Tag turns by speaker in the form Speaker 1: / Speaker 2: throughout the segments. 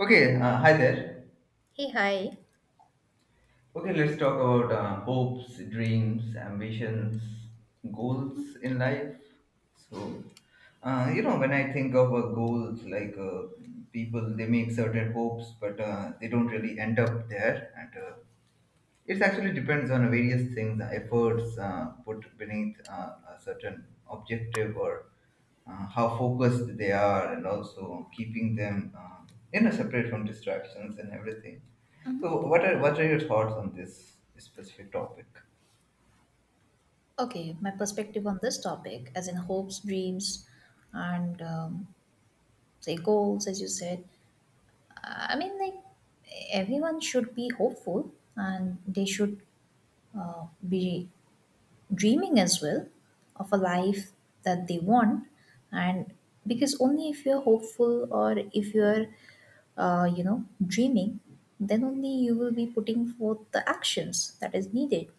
Speaker 1: Okay, hi there.
Speaker 2: Hey, hi.
Speaker 1: Okay, let's talk about hopes, dreams, ambitions, goals in life. So, when I think of goals, like people, they make certain hopes, but they don't really end up there. And it actually depends on various things, efforts put beneath a certain objective, or how focused they are, and also keeping them separate from distractions and everything. So what are your thoughts on this specific topic?
Speaker 2: Okay, my perspective on this topic, as in hopes, dreams, and say goals, as you said. Like everyone should be hopeful, and they should be dreaming as well of a life that they want. And because only if you're hopeful or if you're, dreaming, then only you will be putting forth the actions that is needed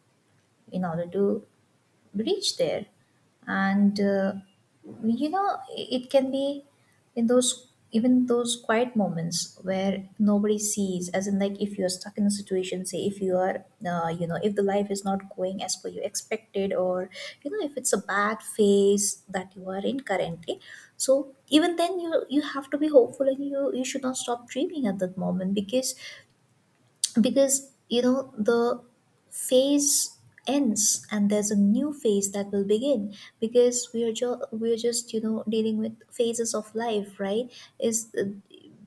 Speaker 2: in order to reach there and you know it can be in those even those quiet moments where nobody sees, as in like if you're stuck in a situation, say if you are, if the life is not going as per you expected, or you know if it's a bad phase that you are in currently. So even then, you have to be hopeful and you should not stop dreaming at that moment, because you know the phase ends and there's a new phase that will begin, because we are just you know dealing with phases of life, right? Is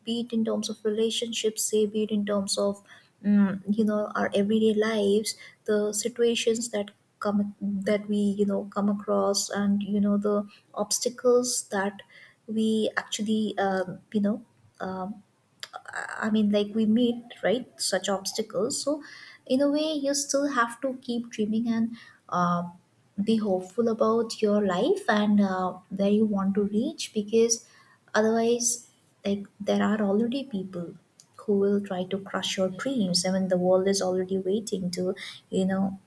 Speaker 2: be it in terms of relationships, say be it in terms of you know our everyday lives, the situations that come, that we you know come across, and you know the obstacles that we actually um, we meet, right, such obstacles. So, in a way, you still have to keep dreaming and uh, be hopeful about your life and where you want to reach. Because otherwise, like, there are already people who will try to crush your dreams. I mean, the world is already waiting to, you know,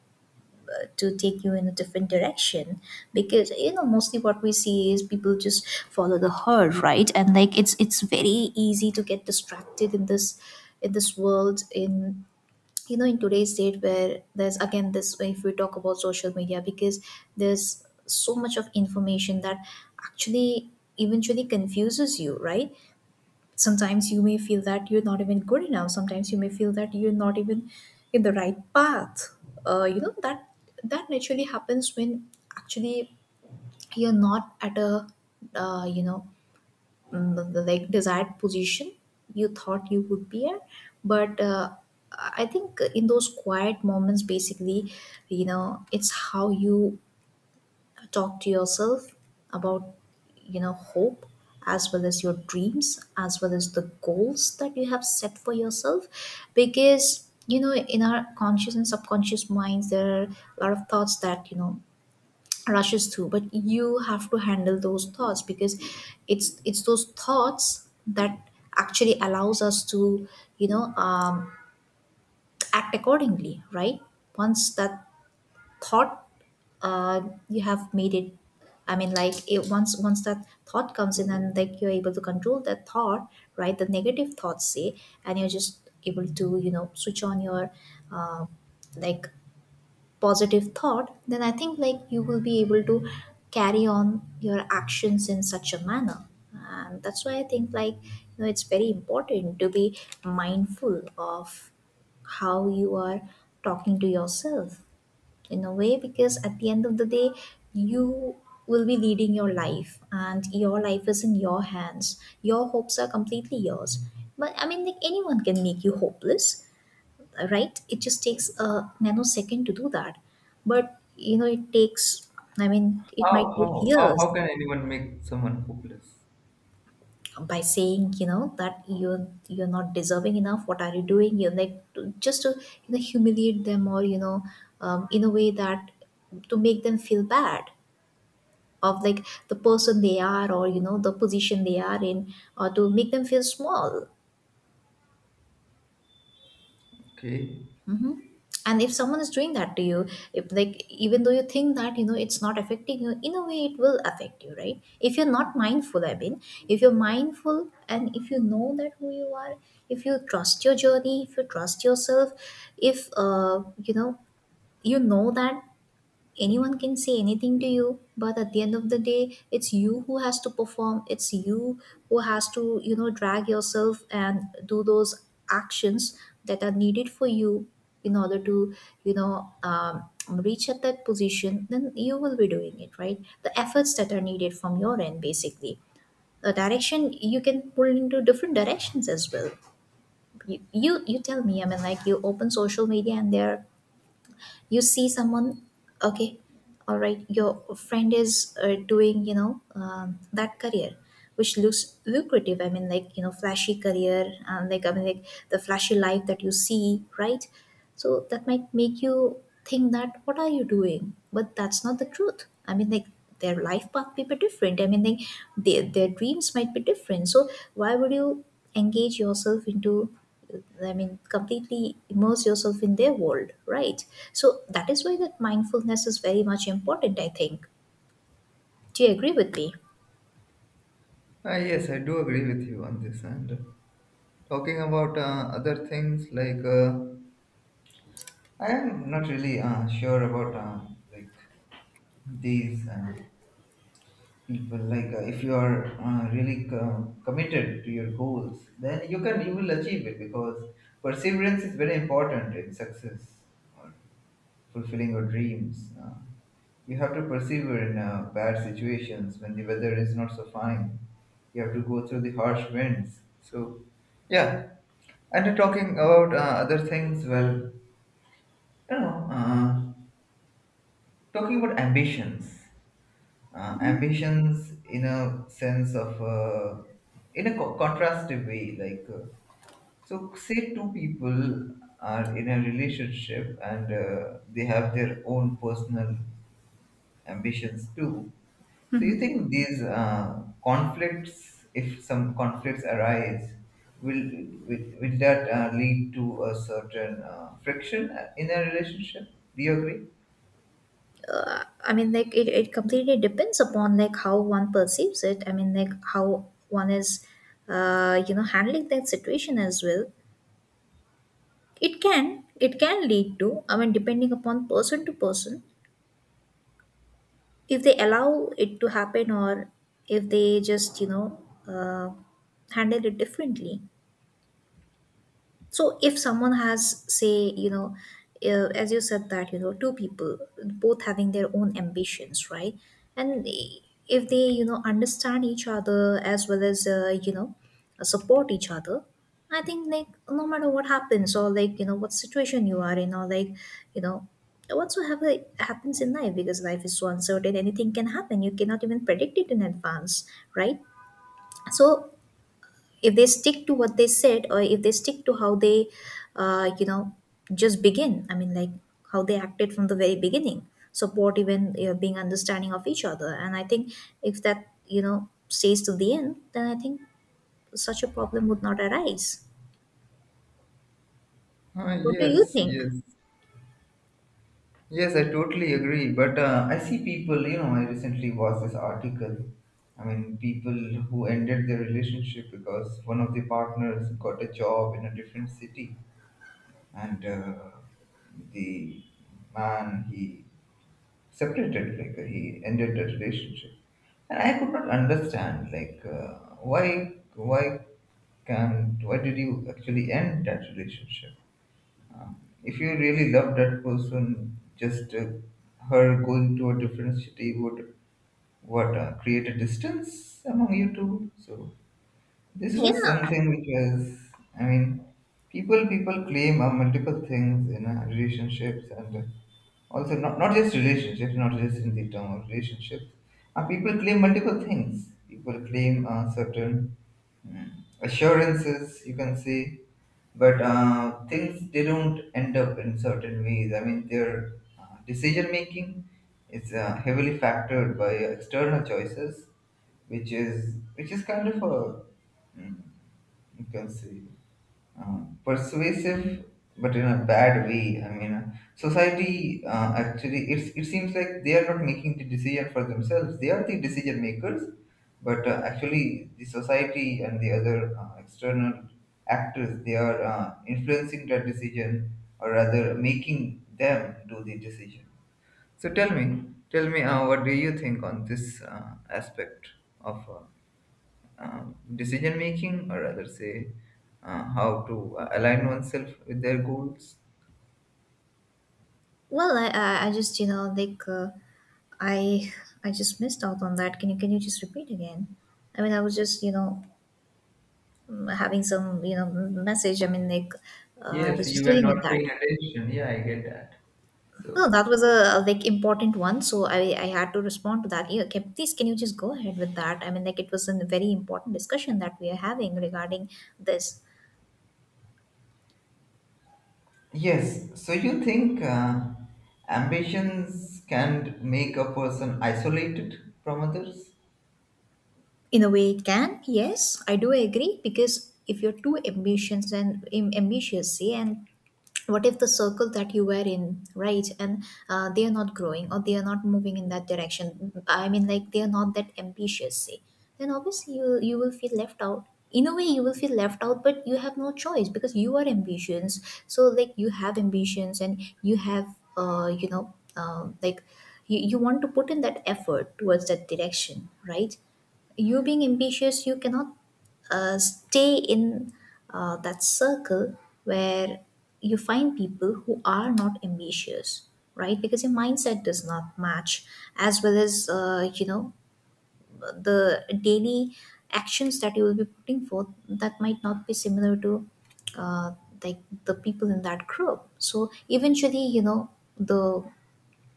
Speaker 2: to take you in a different direction, because you know mostly what we see is people just follow the herd, right? And like it's very easy to get distracted in this world, in you know in today's date, where there's again this, if we talk about social media, because there's so much of information that actually eventually confuses you, right? Sometimes you may feel that you're not even good enough, sometimes you may feel that you're not even in the right path. That naturally happens when actually you're not at a uh, you know like desired position you thought you would be at. But I think in those quiet moments, basically, you know, it's how you talk to yourself about, you know, hope, as well as your dreams, as well as the goals that you have set for yourself. Because you know in our conscious and subconscious minds there are a lot of thoughts that you know rushes through, but you have to handle those thoughts, because it's those thoughts that actually allows us to you know um, act accordingly, right? Once that thought, uh, you have made it, I mean, like it, once that thought comes in and like you're able to control that thought, right, the negative thoughts, say, and you're just able to you know switch on your uh, like positive thought, then I think like you will be able to carry on your actions in such a manner. And that's why I think, like, you know it's very important to be mindful of how you are talking to yourself, in a way, because at the end of the day, you will be leading your life, and your life is in your hands, your hopes are completely yours. But I mean, like, anyone can make you hopeless, right? It just takes a nanosecond to do that. But you know it takes, I mean it
Speaker 1: how
Speaker 2: might take
Speaker 1: how how, how
Speaker 2: years,
Speaker 1: can anyone make someone hopeless?
Speaker 2: by saying you know that you're not deserving enough, what are you doing, you're like just to you know humiliate them, or you know in a way that to make them feel bad of like the person they are, or you know the position they are in, or to make them feel small.
Speaker 1: Okay.
Speaker 2: Hmm. And if someone is doing that to you, if like even though you think that you know it's not affecting you, in a way it will affect you, right, if you're not mindful. I mean, if you're mindful and if you know that who you are, if you trust your journey, if you trust yourself, if you know that anyone can say anything to you, but at the end of the day it's you who has to perform, it's you who has to you know drag yourself and do those actions that are needed for you in order to reach at that position, then you will be doing it right, the efforts that are needed from your end, basically. The direction, you can pull into different directions as well. You you tell me. I mean, like, you open social media and there are, you see someone, okay, all right, your friend is doing you know that career which looks lucrative, I mean like you know flashy career, and like I mean like the flashy life that you see, right? So that might make you think that what are you doing, but that's not the truth. I mean, like, their life path may be different, I mean like their dreams might be different. So why would you engage yourself into, I mean, completely immerse yourself in their world, right? So that is why that mindfulness is very much important, I think. Do you agree with me?
Speaker 1: Ah, yes, I do agree with you on this. And talking about other things, like I am not really sure about like these people, like if you are really committed to your goals, then you will achieve it, because perseverance is very important in success, or fulfilling your dreams. You have to persevere in bad situations when the weather is not so fine. You have to go through the harsh winds, so yeah. And talking about other things, well, you know uh, talking about ambitions, ambitions in a sense of in a contrastive way, like, so say two people are in a relationship, and they have their own personal ambitions too. So you think these conflicts, if some conflicts arise, will will that lead to a certain friction in a relationship? Do you agree?
Speaker 2: I mean, like, it completely depends upon, like, how one perceives it. I mean, like, how one is, handling that situation as well. It can lead to, I mean, depending upon person to person, if they allow it to happen or if they just, you know, uh, handle it differently. So if someone has, say, you know, as you said that, you know, two people, both having their own ambitions, right? And if they, you know, understand each other as well as, you know, support each other, I think like no matter what happens, or like, you know, what situation you are in, or like, you know, whatsoever happens in life, because life is so uncertain, anything can happen. You cannot even predict it in advance, right? So if they stick to what they said, or if they stick to how they uh, you know just begin, I mean like how they acted from the very beginning, supportive and you know being understanding of each other, and I think if that you know stays to the end, then I think such a problem would not arise.
Speaker 1: Ah,
Speaker 2: What do you
Speaker 1: yes,
Speaker 2: think?
Speaker 1: yes. Yes, I totally agree. But I see people. I recently watched this article. I mean, people who ended their relationship because one of the partners got a job in a different city. And the man, he separated, like, he ended the relationship. And I could not understand, like, why can't, why did you actually end that relationship? If you really love that person, just her going to a different city would what create a distance among you two. So this
Speaker 2: Yeah,
Speaker 1: was something which was... I mean, people claim are multiple things in relationships. And. Also, not, not just relationships, not just in the term of relationships. People claim multiple things. People claim certain Mm. assurances, you can see. But things, they don't end up in certain ways. I mean, their decision making is heavily factored by external choices, which is kind of a, mm, you can see, persuasive, but in a bad way. I mean, society, actually, it seems like they are not making the decision for themselves, they are the decision makers. But actually the society and the other external actors, they are influencing that decision, or rather making them do the decision. So tell me, what do you think on this aspect of, decision making, or rather say, how to align oneself with their goals.
Speaker 2: well I just you know like i I just missed out on that. Can you just repeat again? I mean, I was just you know having some you know message, I mean like I
Speaker 1: Yes,
Speaker 2: was just
Speaker 1: you were
Speaker 2: dealing with
Speaker 1: not
Speaker 2: that.
Speaker 1: paying attention. Yeah, I get that.
Speaker 2: No,
Speaker 1: So,
Speaker 2: that was a like important one, so I had to respond to that. Yeah, okay, please, can you just go ahead with that? I mean like it was a very important discussion that we are having regarding this.
Speaker 1: yes, so you think ambitions can make a person isolated from others?
Speaker 2: In a way, it can. Yes, I do agree, because if you're too ambitious, and ambitious, see, and what if the circle that you were in, right, and they are not growing, or they are not moving in that direction, I mean like they are not that ambitious, say, then obviously you will feel left out. In a way, you will feel left out, but you have no choice because you are ambitious. So like you have ambitions and you have like you want to put in that effort towards that direction, right? You being ambitious, you cannot stay in that circle where you find people who are not ambitious, right? Because your mindset does not match, as well as you know the daily actions that you will be putting forth, that might not be similar to uh, like the people in that group. So eventually you know the,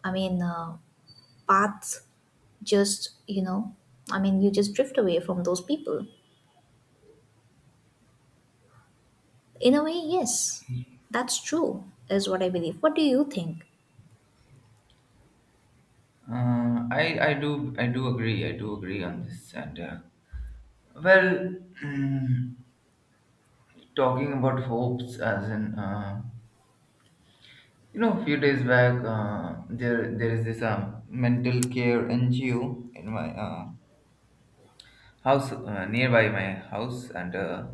Speaker 2: I mean paths just, you know, I mean, you just drift away from those people. In a way, yes, that's true, is what I believe. What do you think?
Speaker 1: I do agree on this. And well, talking about hopes as in, a few days back, there is this mental care NGO in my house, nearby my house, and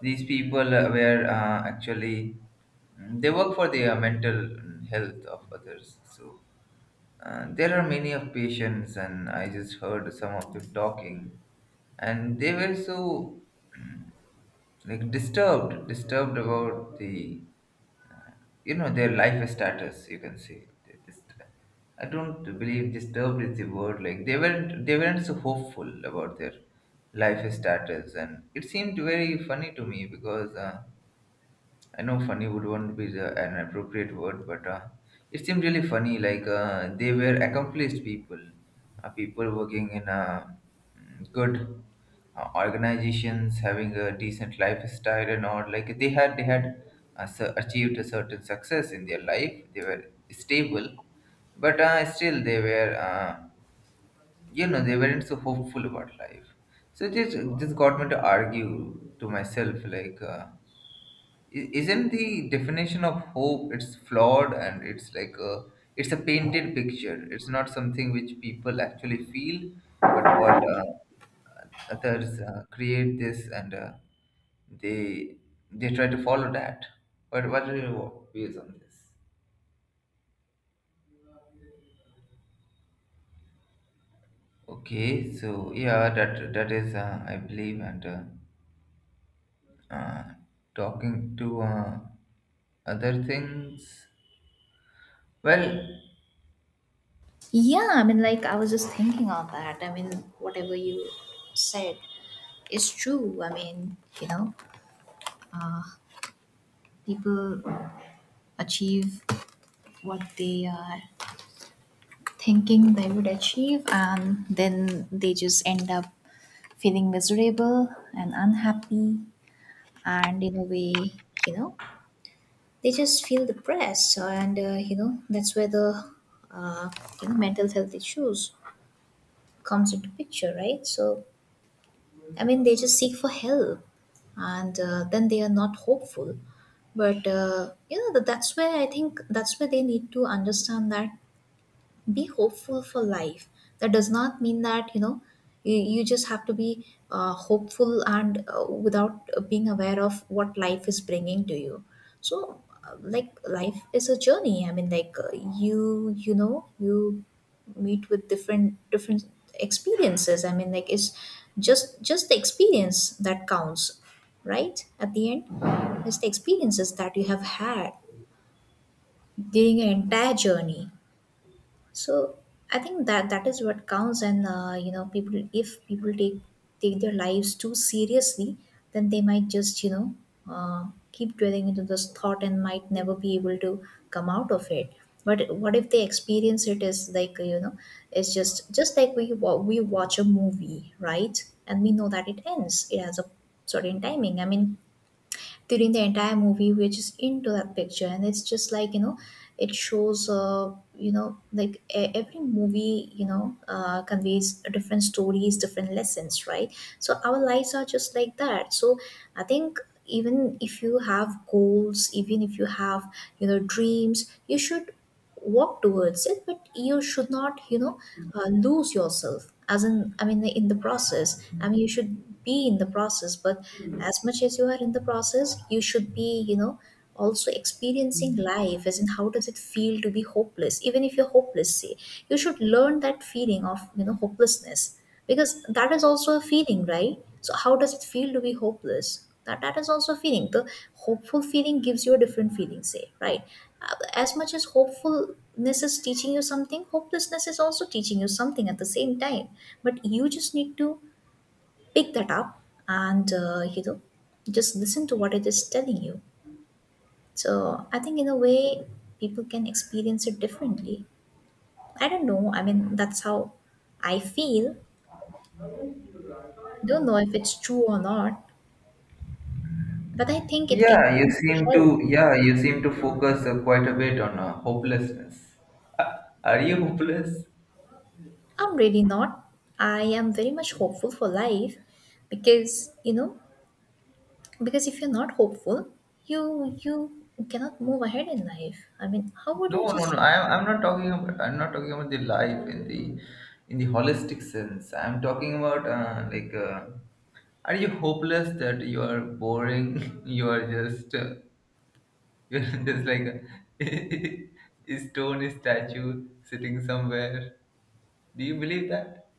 Speaker 1: these people were actually, they work for the mental health of others. So there are many of patients, and I just heard some of them talking, and they were so, mm, like, disturbed about, the you know, their life status, you can say. They just... I don't believe disturbed is the word. Like, they weren't so hopeful about their life status, and it seemed very funny to me because, I know funny would won't be an appropriate word, but, it seemed really funny. Like, they were accomplished people, people working in good organizations, having a decent lifestyle and all. Like, they had achieved a certain success in their life. They were stable, but still they were they weren't so hopeful about life. So just got me to argue to myself, like... isn't the definition of hope, it's flawed, and it's like a it's a painted picture. It's not something which people actually feel, but what others create this, and they they try to follow that. What are your views on this? Okay, so yeah, that is, I believe. And uh, talking to other things, well...
Speaker 2: Yeah, I mean, like, I was just thinking on that. I mean, whatever you said is true. I mean, people achieve what they are thinking they would achieve, and then they just end up feeling miserable and unhappy, and in a way, they just feel depressed, and that's where the uh, mental health issues comes into picture, right? So I mean they just seek for help, and then they are not hopeful. But that's where I think that's where they need to understand that be hopeful for life. That does not mean that you just have to be hopeful and without being aware of what life is bringing to you. So like, life is a journey. I mean, like, you know you meet with different different experiences. I mean, like, it's just the experience that counts, right, at the end. It's the experiences that you have had during your entire journey. So I think that is what counts. And people, if people take take their lives too seriously, then they might just uh, keep dwelling into this thought and might never be able to come out of it. But what if they experience it as, like, it's just like we watch a movie, right? And we know that it ends, it has a certain timing. I mean, during the entire movie we're just into that picture, and it's just like, it shows like every movie, conveys different stories, different lessons, right? So our lives are just like that. So I think even if you have goals, even if you have dreams, you should walk towards it, but you should not lose yourself, as in I mean in the process. I mean, you should be in the process, but as much as you are in the process, you should be, also experiencing life, as in how does it feel to be hopeless. Even if you're hopeless, say, you should learn that feeling of hopelessness. Because that is also a feeling, right? So how does it feel to be hopeless? That is also a feeling. The hopeful feeling gives you a different feeling, say, right? Uh, as much as hopefulness is teaching you something, hopelessness is also teaching you something at the same time. But you just need to pick that up and just listen to what it is telling you. So I think in a way, people can experience it differently. I don't know, I mean, that's how I feel. Don't know if it's true or not. But I think it can be helped.
Speaker 1: Yeah, you seem to focus quite a bit on hopelessness. Uh, are you hopeless?
Speaker 2: I'm really not. I am very much hopeful for life, because because if you're not hopeful, you cannot move ahead in life. I mean, how would you
Speaker 1: No, no,
Speaker 2: just.
Speaker 1: no. I'm not talking about the life in the holistic sense. I'm talking about like, are you hopeless that you are boring? You are just you're just like a, a stone statue sitting somewhere. Do you believe that?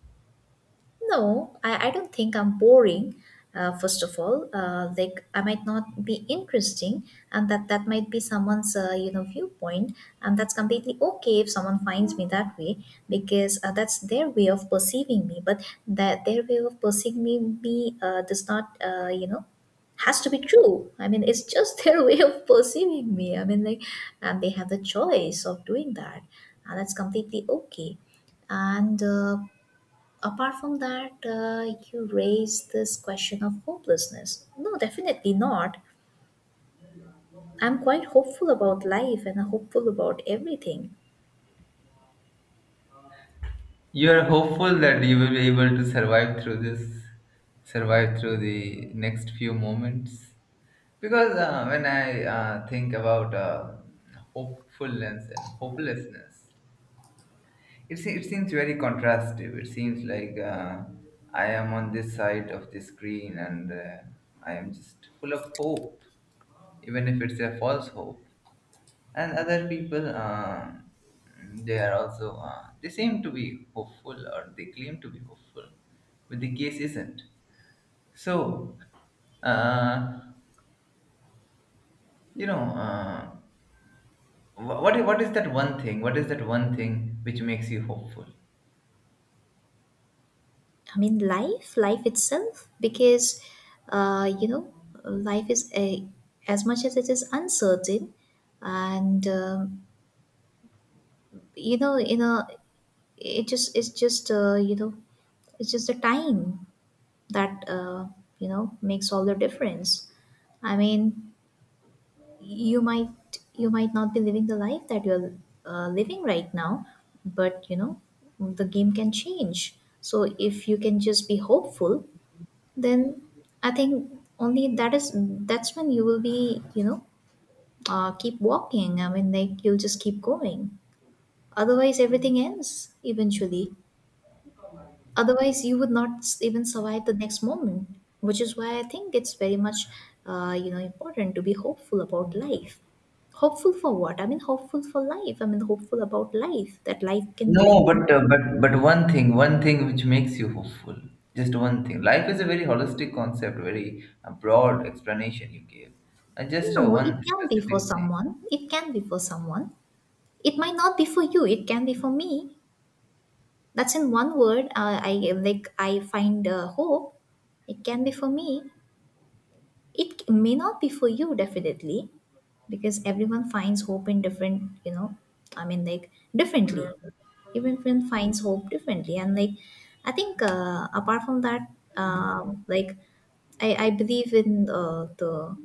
Speaker 2: No, I don't think I'm boring. First of all, like, I might not be interesting, and that might be someone's viewpoint, and that's completely okay if someone finds me that way, because that's their way of perceiving me. But that, their way of perceiving me, does not has to be true. I mean, it's just their way of perceiving me. I mean, like, and they have the choice of doing that, and that's completely okay. And apart from that, you raised this question of hopelessness. No, definitely not. I'm quite hopeful about life and hopeful about everything.
Speaker 1: You are hopeful that you will be able to survive through this, survive through the next few moments. Because when I think about hopefulness and hopelessness, it seems very contrastive. It seems like, I am on this side of the screen, and I am just full of hope, even if it's a false hope, and other people, they are also, they seem to be hopeful, or they claim to be hopeful, but the case isn't so. uh, you know uh, what is that one thing, which makes you hopeful?
Speaker 2: I mean, life itself. Because uh, you know life is a, as much as it is uncertain, and in a, it just it's just it's just the time that makes all the difference. I mean, you might, you might not be living the life that you're living right now, but the game can change. So if you can just be hopeful, then I think only that is, that's when you will be keep walking. I mean, like, you'll just keep going. Otherwise everything ends eventually. Otherwise, you would not even survive the next moment, which is why I think it's very much, important to be hopeful about life. Hopeful for what? I mean, hopeful for life. I mean, hopeful about life that life can
Speaker 1: No,
Speaker 2: bring.
Speaker 1: but but one thing which makes you hopeful, just one thing. Life is a very holistic concept, very broad explanation you gave. And just
Speaker 2: No, it
Speaker 1: one
Speaker 2: can be for
Speaker 1: specific thing.
Speaker 2: someone. It can be for someone. It might not be for you. It can be for me. That's in one word. I like. I find hope. It can be for me. It may not be for you, definitely, because everyone finds hope in different, I mean, like, differently. Everyone finds hope differently, and like, I think apart from that, like, I believe in the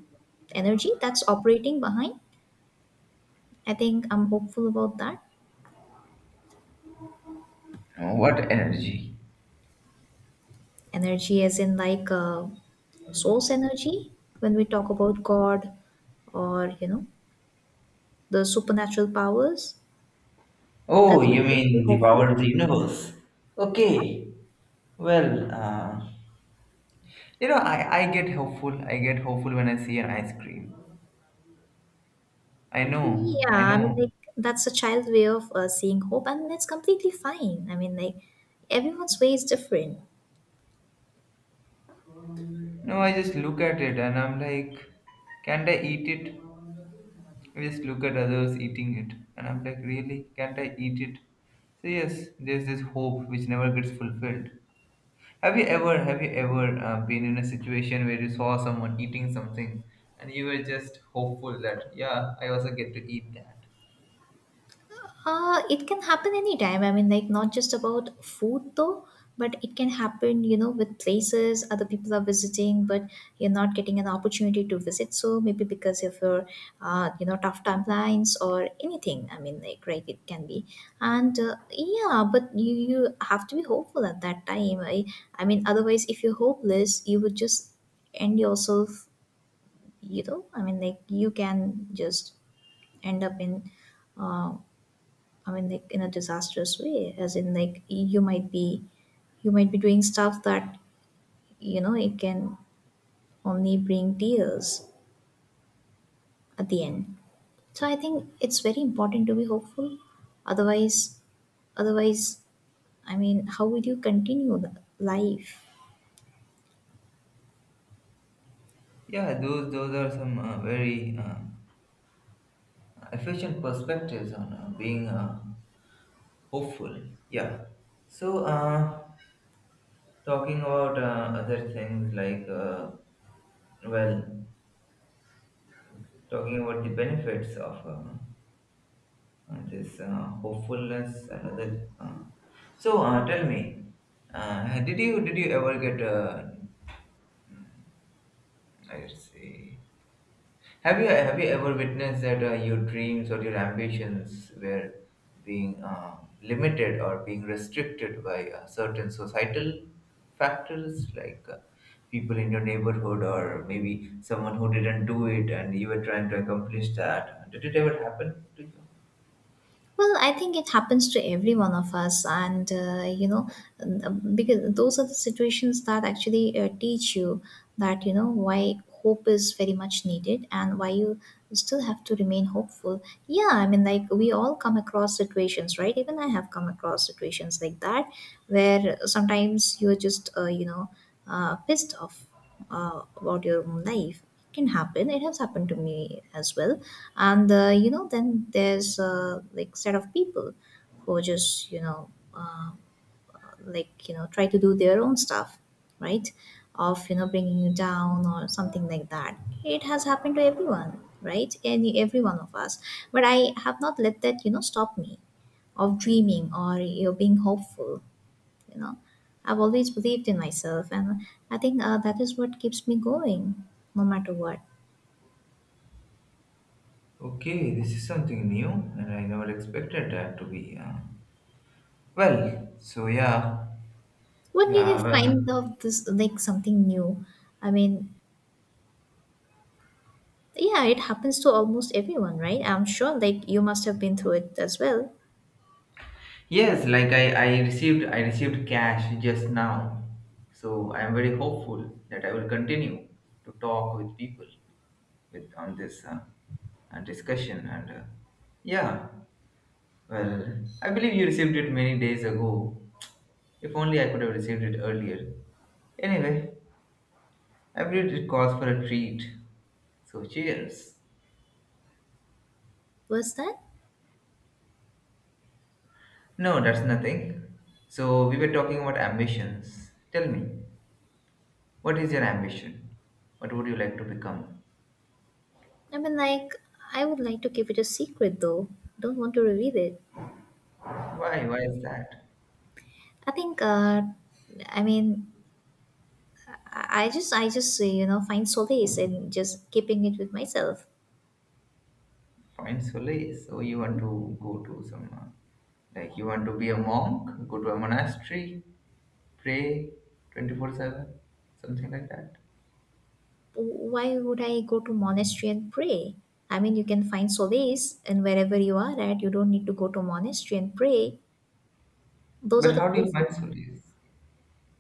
Speaker 2: energy that's operating behind. I think I'm hopeful about that.
Speaker 1: What energy?
Speaker 2: Energy, as in like, source energy, when we talk about God, or, the supernatural powers,
Speaker 1: Oh,
Speaker 2: that's what
Speaker 1: you
Speaker 2: makes me
Speaker 1: mean the
Speaker 2: hopeful.
Speaker 1: power of the universe?
Speaker 2: Yeah,
Speaker 1: Okay. Well, I get hopeful. I get hopeful when I see an ice cream. I know, I
Speaker 2: yeah. I mean,
Speaker 1: know.
Speaker 2: like, that's a child way of seeing hope, and it's completely fine. I mean, like, everyone's way is different.
Speaker 1: No, I just look at it and I'm like, can't I eat it? I just look at others eating it and I'm like, really? Can't I eat it? So, yes, there's this hope which never gets fulfilled. Have you ever been in a situation where you saw someone eating something and you were just hopeful that, yeah, I also get to eat that?
Speaker 2: It can happen anytime. I mean, like, not just about food though, but it can happen, with places other people are visiting, but you're not getting an opportunity to visit. So maybe because of your, tough timelines or anything. I mean, like, right, it can be. And yeah, but you have to be hopeful at that time. I mean, otherwise, if you're hopeless, you would just end yourself, I mean, like, you can just end up in. Uh, I mean, like, in a disastrous way, as in like, you might be doing stuff that it can only bring tears at the end. So I think it's very important to be hopeful. Otherwise, otherwise, I mean, how will you continue the life?
Speaker 1: Yeah, those are some very efficient perspectives on being hopeful. Yeah. So talking about other things, like, well, talking about the benefits of... and this hopefulness, another... so tell me, did you ever get? Let's see. Have you ever witnessed that your dreams or your ambitions were being limited or being restricted by certain societal factors, like people in your neighborhood, or maybe someone who didn't do it and you were trying to accomplish that? Did it ever happen to you?
Speaker 2: Well, I think it happens to every one of us, and because those are the situations that actually teach you that why hope is very much needed and why you still have to remain hopeful. Yeah, I mean, like, we all come across situations, right? Even I have come across situations like that where sometimes you're just pissed off about your own life. It can happen, it has happened to me as well. And then there's like, set of people who just uh, like, try to do their own stuff, right, of bringing you down or something like that. It has happened to everyone, right? Any, every one of us. But I have not let that stop me of dreaming or being hopeful. you know I've always believed in myself, and I think that is what keeps me going, no matter what.
Speaker 1: Okay, this is something new, and I never expected that to be. Well, so yeah,
Speaker 2: When did you
Speaker 1: yeah. Well,
Speaker 2: find out this, like, something new? I mean, yeah, it happens to almost everyone, right? I'm sure like you must have been through it as well.
Speaker 1: yes, like, I received cash just now, so I am very hopeful that I will continue to talk with people with on this, discussion. And yeah, well, I believe you received it many days ago. If only I could have received it earlier. Anyway, I believe it calls for a treat. So, cheers.
Speaker 2: Was that.
Speaker 1: No, that's nothing. So we were talking about ambitions. Tell me, what is your ambition? What would you like to become?
Speaker 2: I mean, like, I would like to keep it a secret though. Don't want to reveal it.
Speaker 1: Why? Why is that?
Speaker 2: I think uh i mean i I just, find solace in just keeping it with myself.
Speaker 1: Fine, solely. So you want to go to some, like, you want to be a monk, go to a monastery, pray 24/7, something like that.
Speaker 2: Why would I go to monastery and pray? I mean, you can find solace and wherever you are at, you don't need to go to monastery and pray. Those
Speaker 1: But
Speaker 2: are the
Speaker 1: how do you find
Speaker 2: places.
Speaker 1: solace?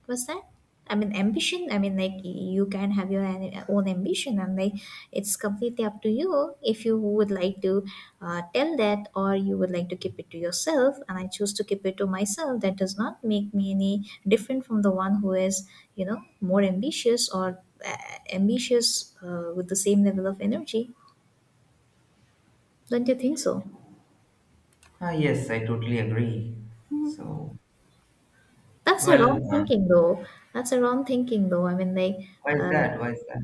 Speaker 2: What's that? I mean, ambition. I mean, like, you can have your own ambition, and like, it's completely up to you if you would like to tell that, or you would like to keep it to yourself. And I choose to keep it to myself. That does not make me any different from the one who is, more ambitious, or ambitious with the same level of energy. Don't you think so?
Speaker 1: Ah, yes, I totally agree. So,
Speaker 2: That's a
Speaker 1: well,
Speaker 2: wrong thinking, though. That's a wrong thinking, though. I mean, like.
Speaker 1: why is
Speaker 2: Uh,
Speaker 1: that? Why is that?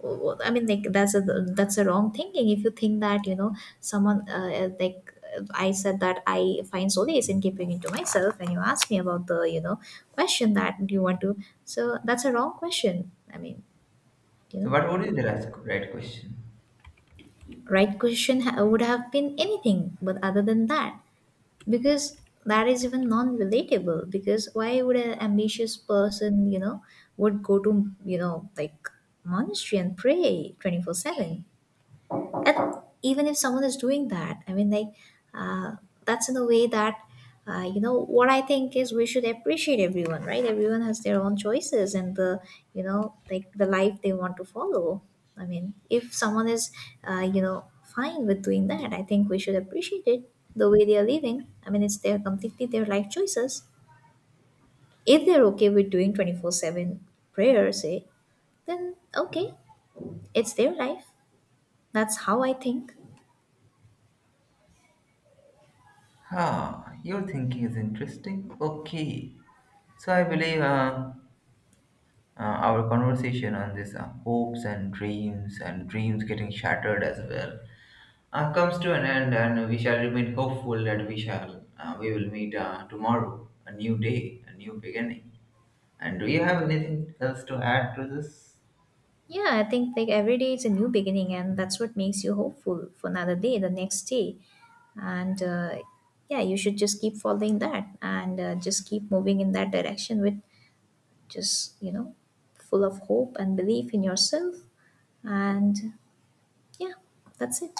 Speaker 2: Well, I mean, like, that's a wrong thinking. If you think that someone like, I said that I find solace in keeping it to myself, and you ask me about the, question that do you want to, so that's a wrong question. I mean, you
Speaker 1: So,
Speaker 2: know,
Speaker 1: what would be the right question?
Speaker 2: right question would have been anything, but other than that, because that is even non-relatable. Because why would an ambitious person would go to, like, monastery and pray 24/7? And even if someone is doing that, I mean, like, uh, that's in a way that, what I think is we should appreciate everyone, right? Everyone has their own choices and the, like, the life they want to follow. I mean, if someone is, fine with doing that, I think we should appreciate it the way they are living. I mean, it's their completely their life choices. If they're okay with doing 24/7 prayer, say, then okay, it's their life. That's how I think.
Speaker 1: Ah, your thinking is interesting. Okay. So I believe our conversation on this, hopes and dreams, and dreams getting shattered as well, comes to an end, and we shall remain hopeful that we will meet tomorrow, a new day, a new beginning. And do you have anything else to add to this?
Speaker 2: Yeah, I think like every day is a new beginning, and that's what makes you hopeful for another day, the next day. And yeah, you should just keep following that, and just keep moving in that direction with just, full of hope and belief in yourself. And yeah, that's it.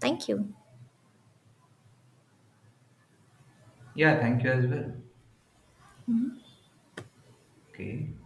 Speaker 2: Thank you.
Speaker 1: Yeah, thank you as well. Okay.